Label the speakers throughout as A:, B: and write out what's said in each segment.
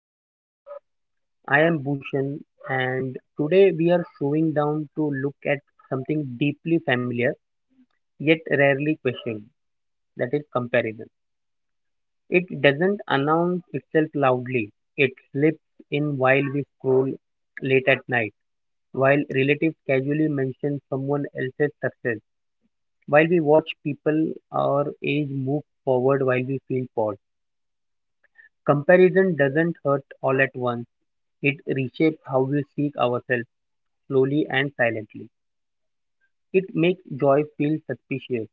A: everyone. I am Bhushan, and today we are slowing down to look at something deeply familiar yet rarely questioned. That is, comparison. It doesn't announce itself loudly. It slips in while we scroll late at night, while relatives casually mention someone else's success, while we watch people our age move forward while we feel bored. Comparison doesn't hurt all at once. It reshapes how we seek ourselves slowly and silently. It makes joy feel suspicious,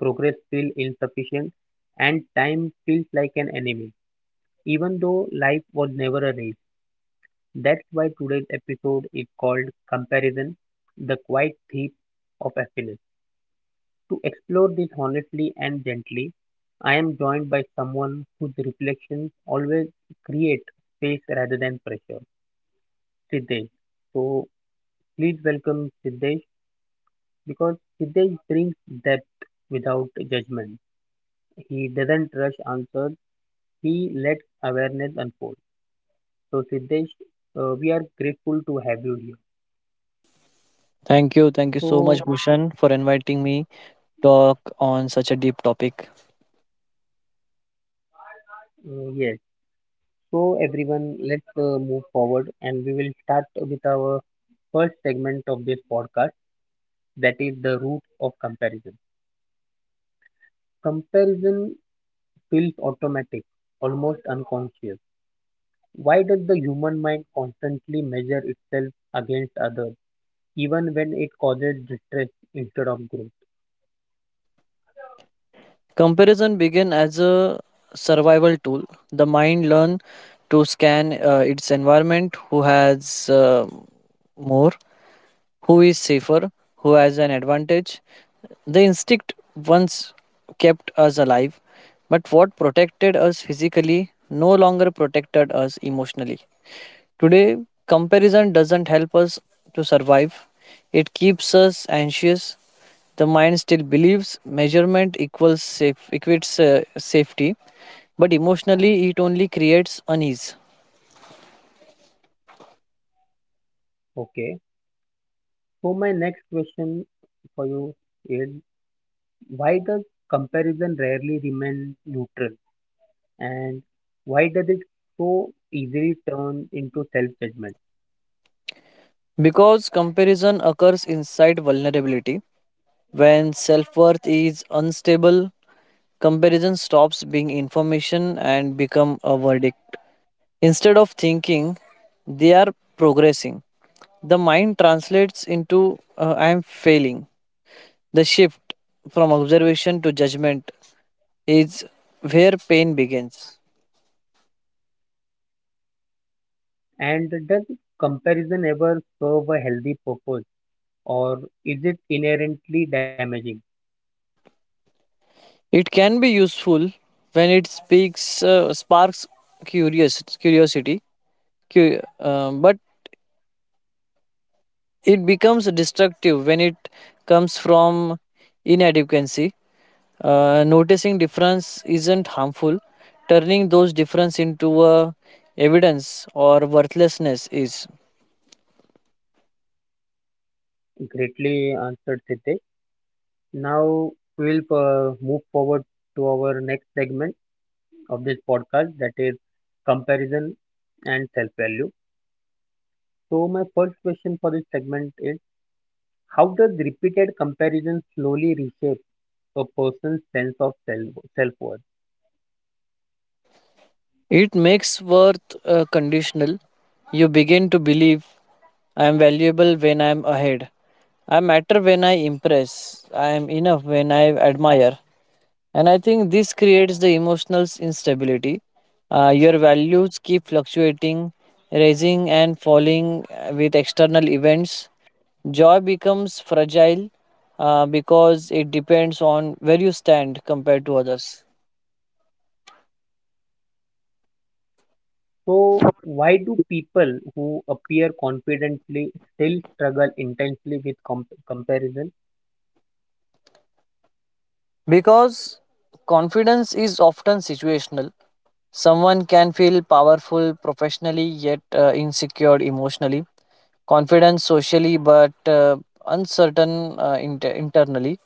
A: progress feel insufficient, and time feels like an enemy, even though life was never a race. That's why today's episode is called Comparison, the Quiet Thief of Happiness. To explore this honestly and gently, I am joined by someone whose reflections always create space rather than pressure, Siddesh. So please welcome Siddesh. Because Hitesh brings depth without judgment. He doesn't rush answers. He lets awareness unfold. So Siddesh, we are grateful to have you here.
B: Thank you. Thank you so much,
A: So
B: Bhushan, for inviting me to talk on such a deep topic.
A: yes, so everyone, let's move forward, and we will start with our first segment of this podcast. That is the root of comparison. Comparison feels automatic, almost unconscious. Why does the human mind constantly measure itself against others? Even when it causes distress instead of growth.
B: Comparison began as a survival tool. The mind learned to scan its environment. Who has more, who is safer, who has an advantage. The instinct once kept us alive, but what protected us physically no longer protected us emotionally. Today, comparison doesn't help us to survive, it keeps us anxious. The mind still believes measurement equals safe, equates safety, but emotionally, it only creates unease.
A: Okay. So my next question for you is, why does comparison rarely remain neutral and why does it so easily turn into self judgment?
B: Because comparison occurs inside vulnerability, when self worth is unstable, comparison stops being information and become a verdict. Instead of thinking, they are progressing, the mind translates into I am failing. The shift from observation to judgment is where pain begins.
A: And does comparison ever serve a healthy purpose or is it inherently damaging?
B: It can be useful when it sparks curiosity, but it becomes destructive when it comes from inadequacy. Noticing difference isn't harmful. Turning those difference into evidence or worthlessness is.
A: Greatly answered Siddhesh. Now we'll move forward to our next segment. Of this podcast, that is comparison and self value. So, my first question for this segment is, how does repeated comparison slowly reshape a person's sense of self worth?
B: It makes worth conditional. You begin to believe I am valuable when I am ahead. I matter when I impress. I am enough when I admire. And I think this creates the emotional instability. Your values keep fluctuating, rising and falling with external events. Joy becomes fragile because it depends on where you stand compared to others.
A: So, why do people who appear confidently still struggle intensely with comparison?
B: Because confidence is often situational. Someone can feel powerful professionally yet insecure emotionally, confident socially but uncertain internally.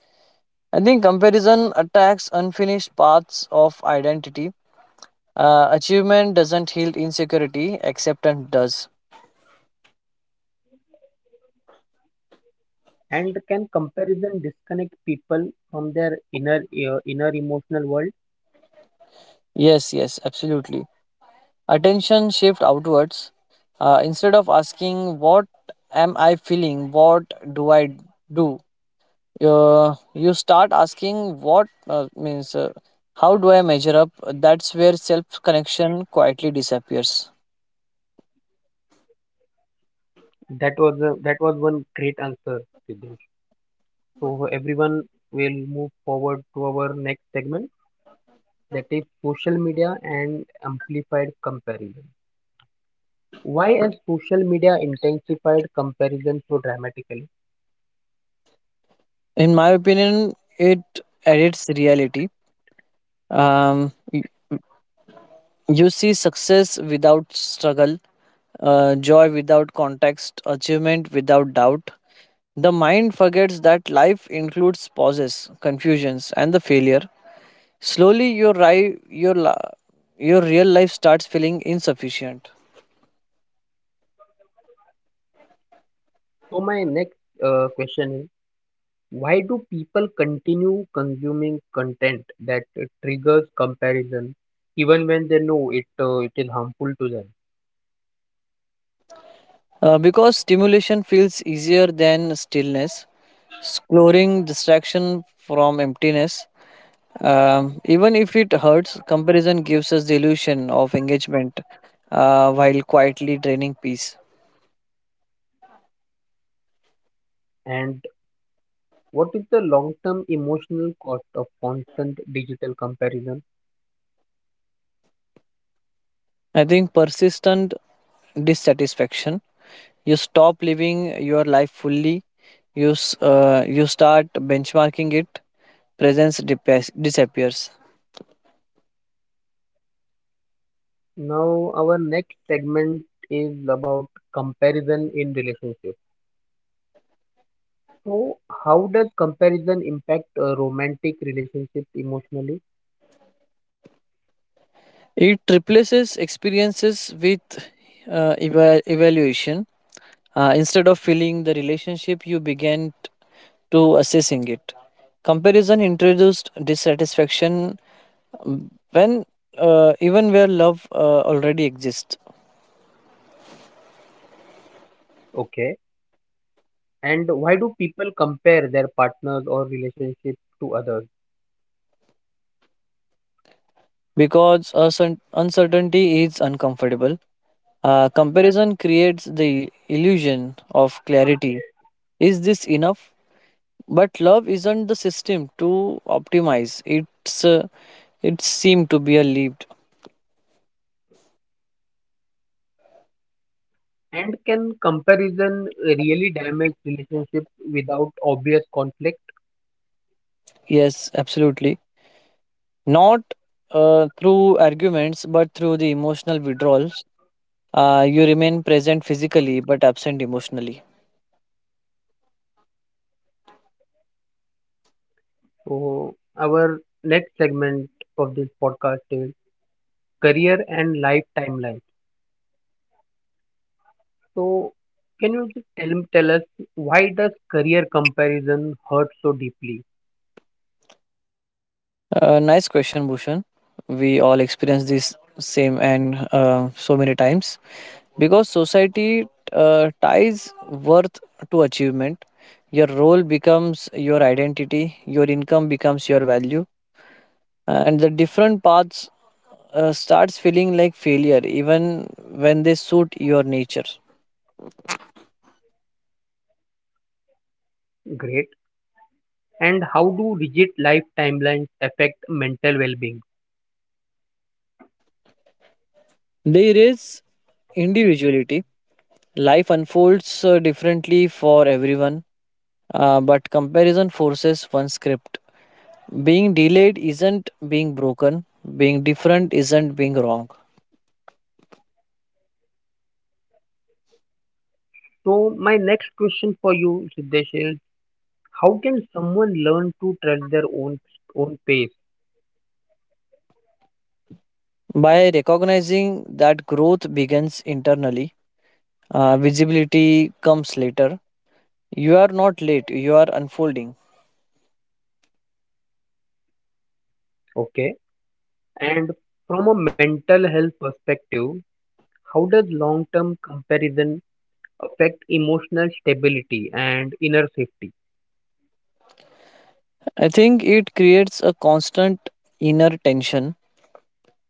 B: I think comparison attacks unfinished paths of identity. Achievement doesn't heal insecurity, acceptance does.
A: And can comparison disconnect people from their inner inner emotional world?
B: Yes, yes, absolutely. Attention shift outwards. Instead of asking, what am I feeling? What do I do? You start asking what means how do I measure up. That's where self connection quietly disappears.
A: That was one great answer, Siddhesh. So everyone will move forward to our next segment that is social media and amplified comparison. Why has social media intensified comparison so dramatically?
B: In my opinion, it edits reality. um, y- you see success without struggle, joy without context, achievement without doubt. The mind forgets that life includes pauses, confusions, and the failure. Slowly your, ri- your, la- your real life starts feeling insufficient.
A: So my next question is, why do people continue consuming content that triggers comparison even when they know it is harmful to them?
B: Because stimulation feels easier than stillness, exploring distraction from emptiness. Even if it hurts, comparison gives us the illusion of engagement while quietly draining peace.
A: And what is the long-term emotional cost of constant digital comparison?
B: I think persistent dissatisfaction. You stop living your life fully, you start benchmarking it, presence disappears.
A: Now, our next segment is about comparison in relationship. So, how does comparison impact a romantic relationship emotionally?
B: It replaces experiences with evaluation. Instead of feeling the relationship, you to assessing it. Comparison introduced dissatisfaction when even where love already exists.
A: Okay. And why do people compare their partners or relationship to others?
B: Because uncertainty is uncomfortable. Comparison creates the illusion of clarity. Is this enough? But love isn't the system to optimize. It seemed to be a leap.
A: And can comparison really damage relationships without obvious conflict?
B: Yes, absolutely. Not through arguments, but through the emotional withdrawal. You remain present physically, but absent emotionally.
A: So, our next segment of this podcast is career and life timeline. So, can you just tell us why does career comparison hurt so deeply?
B: Nice question, Bhushan. We all experience this same and so many times because society ties worth to achievement. Your role becomes your identity, your income becomes your value, and the different paths starts feeling like failure even when they suit your nature.
A: Great. And how do rigid life timelines affect mental well-being?
B: They erase individuality. Life unfolds differently for everyone, but comparison forces one script. Being delayed isn't being broken, being different isn't being wrong.
A: So, my next question for you, Siddesh, is how can someone learn to trust their own own pace?
B: By recognizing that growth begins internally, visibility comes later. You are not late, you are unfolding.
A: Okay. And from a mental health perspective, how does long-term comparison affect emotional stability and inner safety?
B: I think it creates a constant inner tension.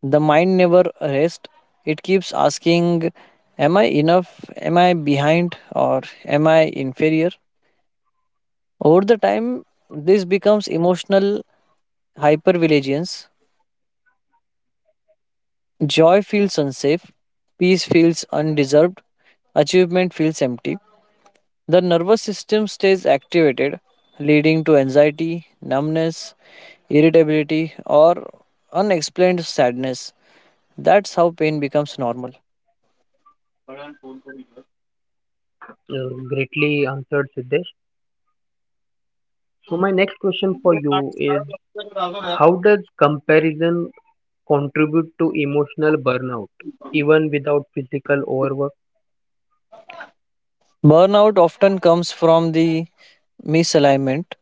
B: The mind never rests. It keeps asking, am I enough? Am I behind? Or am I inferior? Over the time, this becomes emotional hypervigilance. Joy feels unsafe, peace feels undeserved, achievement feels empty. The nervous system stays activated, leading to anxiety, numbness, irritability, or unexplained sadness. That's how pain becomes normal.
A: Greatly answered, Siddesh. So my next question for you is, how does comparison contribute to emotional burnout even without physical overwork?
B: Burnout often comes from the misalignment.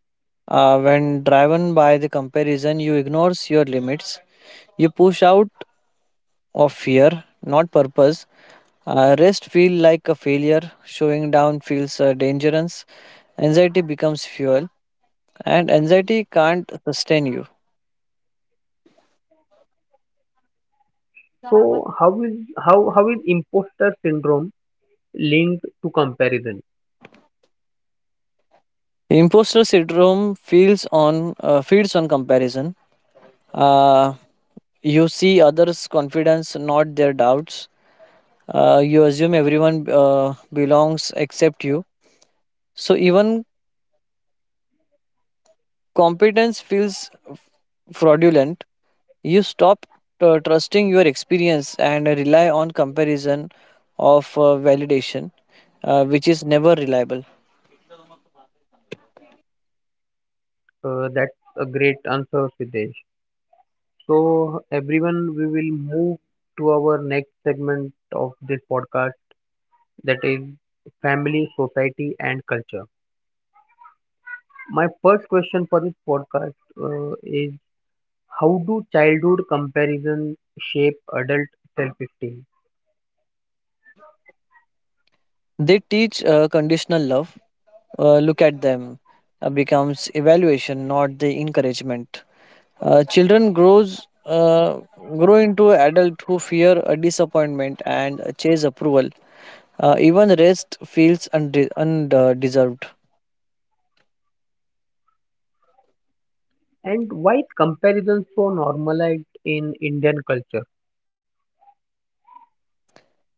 B: When driven by the comparison, you ignores your limits. You push out of fear, not purpose. Rest feel like a failure, showing down feels dangerous. Anxiety becomes fuel, and anxiety can't sustain you.
A: So how is imposter syndrome linked to comparison?
B: Imposter syndrome feels on feeds on comparison. uh, you see others confidence, not their doubts. You assume everyone belongs except you. So even competence feels fraudulent. You stop trusting your experience and rely on comparison of validation, which is never reliable.
A: That's a great answer, Siddesh. So everyone, we will move to our next segment of this podcast that is family, society, and culture. My first question for this podcast is, how do childhood comparisons shape adult self-esteem?
B: They teach conditional love. Look at them becomes evaluation, not the encouragement. Children grow into adult who fear a disappointment and chase approval. Even rest feels undeserved.
A: And why is comparison so normalized in Indian culture?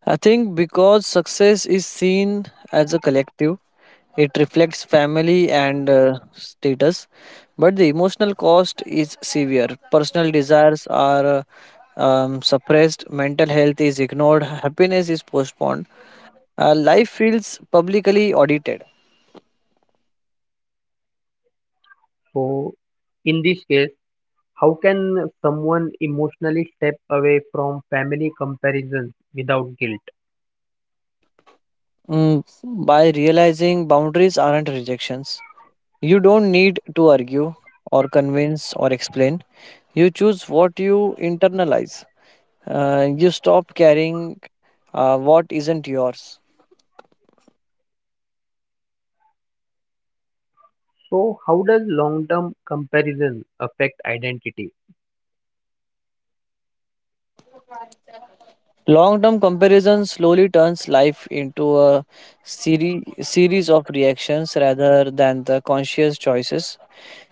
B: I think because success is seen as a collective, it reflects family and status, but the emotional cost is severe. Personal desires are suppressed, mental health is ignored, happiness is postponed. Life feels publicly audited.
A: So, in this case, how can someone emotionally step away from family comparisons without guilt?
B: Mm, by realizing boundaries aren't rejections, you don't need to argue or convince or explain. You choose what you internalize. You stop carrying what isn't yours.
A: So, how does long-term comparison affect identity?
B: Long term comparison slowly turns life into a series of reactions rather than the conscious choices.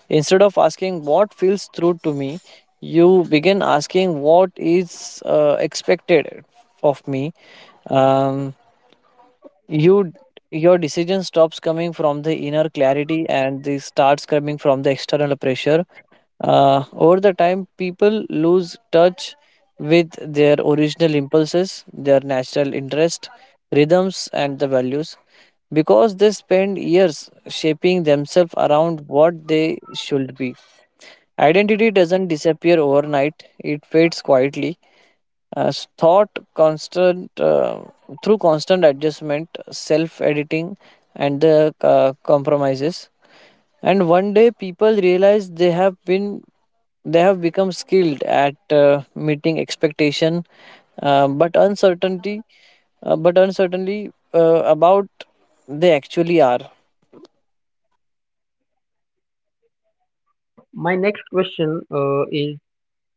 B: Instead of asking what feels true to me, you begin asking what is expected of me. Um, you your decision stops coming from the inner clarity and this starts coming from the external pressure. Over the time, people lose touch with their original impulses, their natural interest, rhythms, and the values because they spend years shaping themselves around what they should be. Identity doesn't disappear overnight, it fades quietly. As thought constant through constant adjustment, self editing, and the compromises. And one day people realize they have become skilled at meeting expectation, uh, but uncertainty, but uncertainly about they actually are.
A: My next question is,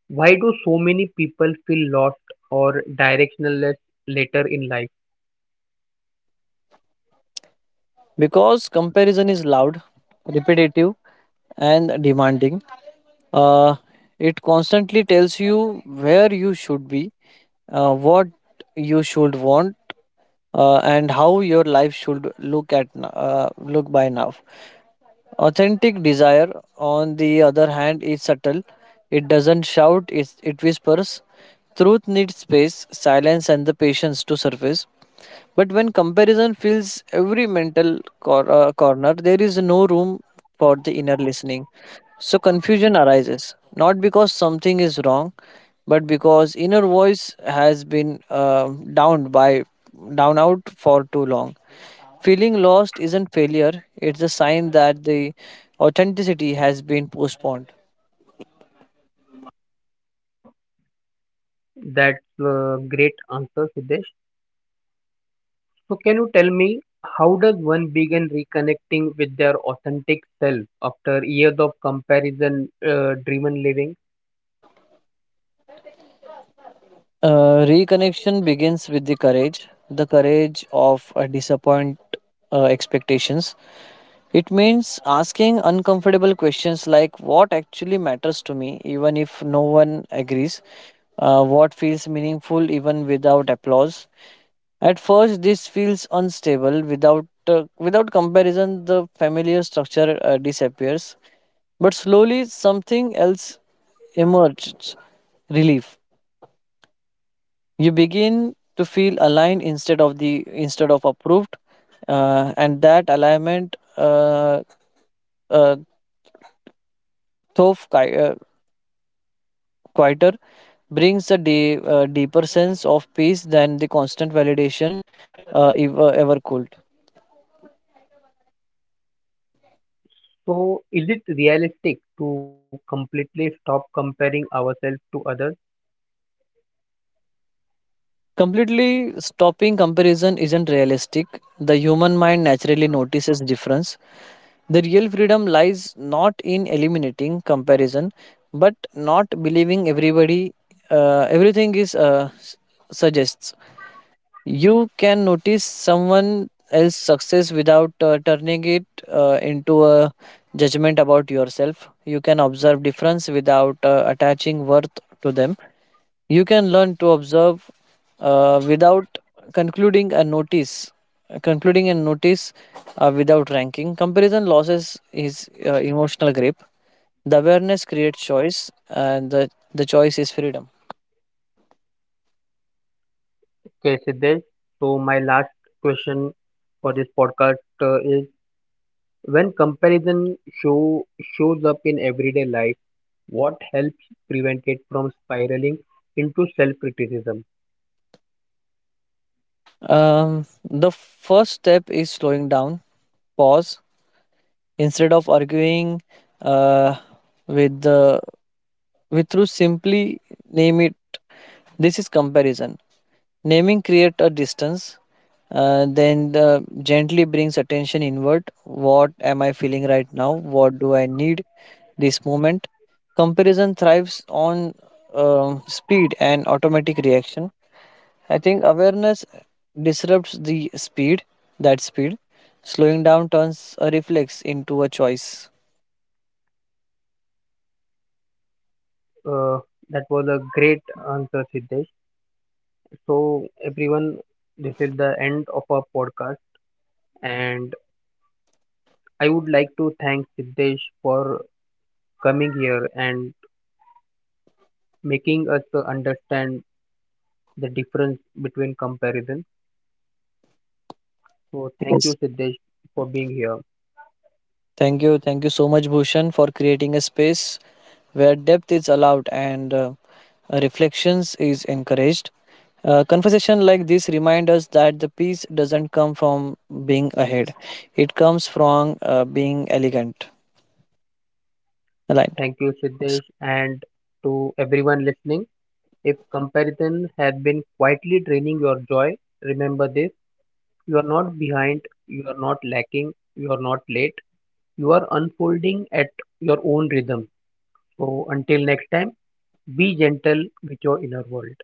A: why do so many people feel lost or directionless later in life?
B: Because comparison is loud, repetitive, and demanding. Uh, it constantly tells you where you should be, what you should want, and how your life should look look by now. Authentic desire, on the other hand, is subtle. It doesn't shout, it whispers. Truth needs space, silence, and the patience to surface. But when comparison fills every mental corner, there is no room for the inner listening. So confusion arises, not because something is wrong, but because inner voice has been downed by down out for too long. Feeling lost isn't failure, it's a sign that the authenticity has been postponed.
A: That's a great answer, Siddesh. So can you tell me, how does one begin reconnecting with their authentic self after years of comparison driven living?
B: Reconnection begins with the courage of disappoint expectations. It means asking uncomfortable questions like what actually matters to me, even if no one agrees, what feels meaningful, even without applause. At first, this feels unstable. Without comparison, the familiar structure disappears. But slowly, something else emerges: relief. You begin to feel aligned instead of approved, and that alignment, uh, though qui- uh, quieter, brings a deeper sense of peace than the constant validation ever could.
A: So is it realistic to completely stop comparing ourselves to others?
B: Completely stopping comparison isn't realistic. The human mind naturally notices difference. The real freedom lies not in eliminating comparison, but not believing everybody, everything suggests. You can notice someone else's success without turning it into a judgment about yourself. You can observe difference without attaching worth to them. You can learn to observe without concluding and notice, concluding and notice without ranking. Comparison losses is emotional grip. The awareness creates choice, and the choice is freedom.
A: Okay, Siddesh. So my last question for this podcast is, when comparison show shows up in everyday life, what helps prevent it from spiraling into self criticism?
B: The first step is slowing down, pause. Instead of arguing uh, with the with truth, simply name it. This is comparison. Naming create a distance, then the gently brings attention inward. What am I feeling right now? What do I need this moment? Comparison thrives on speed and automatic reaction. I think awareness disrupts the speed that speed. Slowing down turns a reflex into a choice.
A: Uh, that was a great answer, Siddesh. So, everyone, this is the end of our podcast, and I would like to thank Siddesh for coming here and making us understand the difference between comparison. So, thank you,
B: Yes.
A: Siddesh, for being here.
B: Thank you. Thank you so much, Bhushan, for creating a space where depth is allowed and reflections is encouraged. Conversation like this remind us that the peace doesn't come from being ahead; it comes from being elegant. Aligned.
A: Thank you, Siddesh, and to everyone listening. If comparison has been quietly draining your joy, remember this, you are not behind, you are not lacking, you are not late, you are unfolding at your own rhythm. So, until next time. Be gentle with your inner world.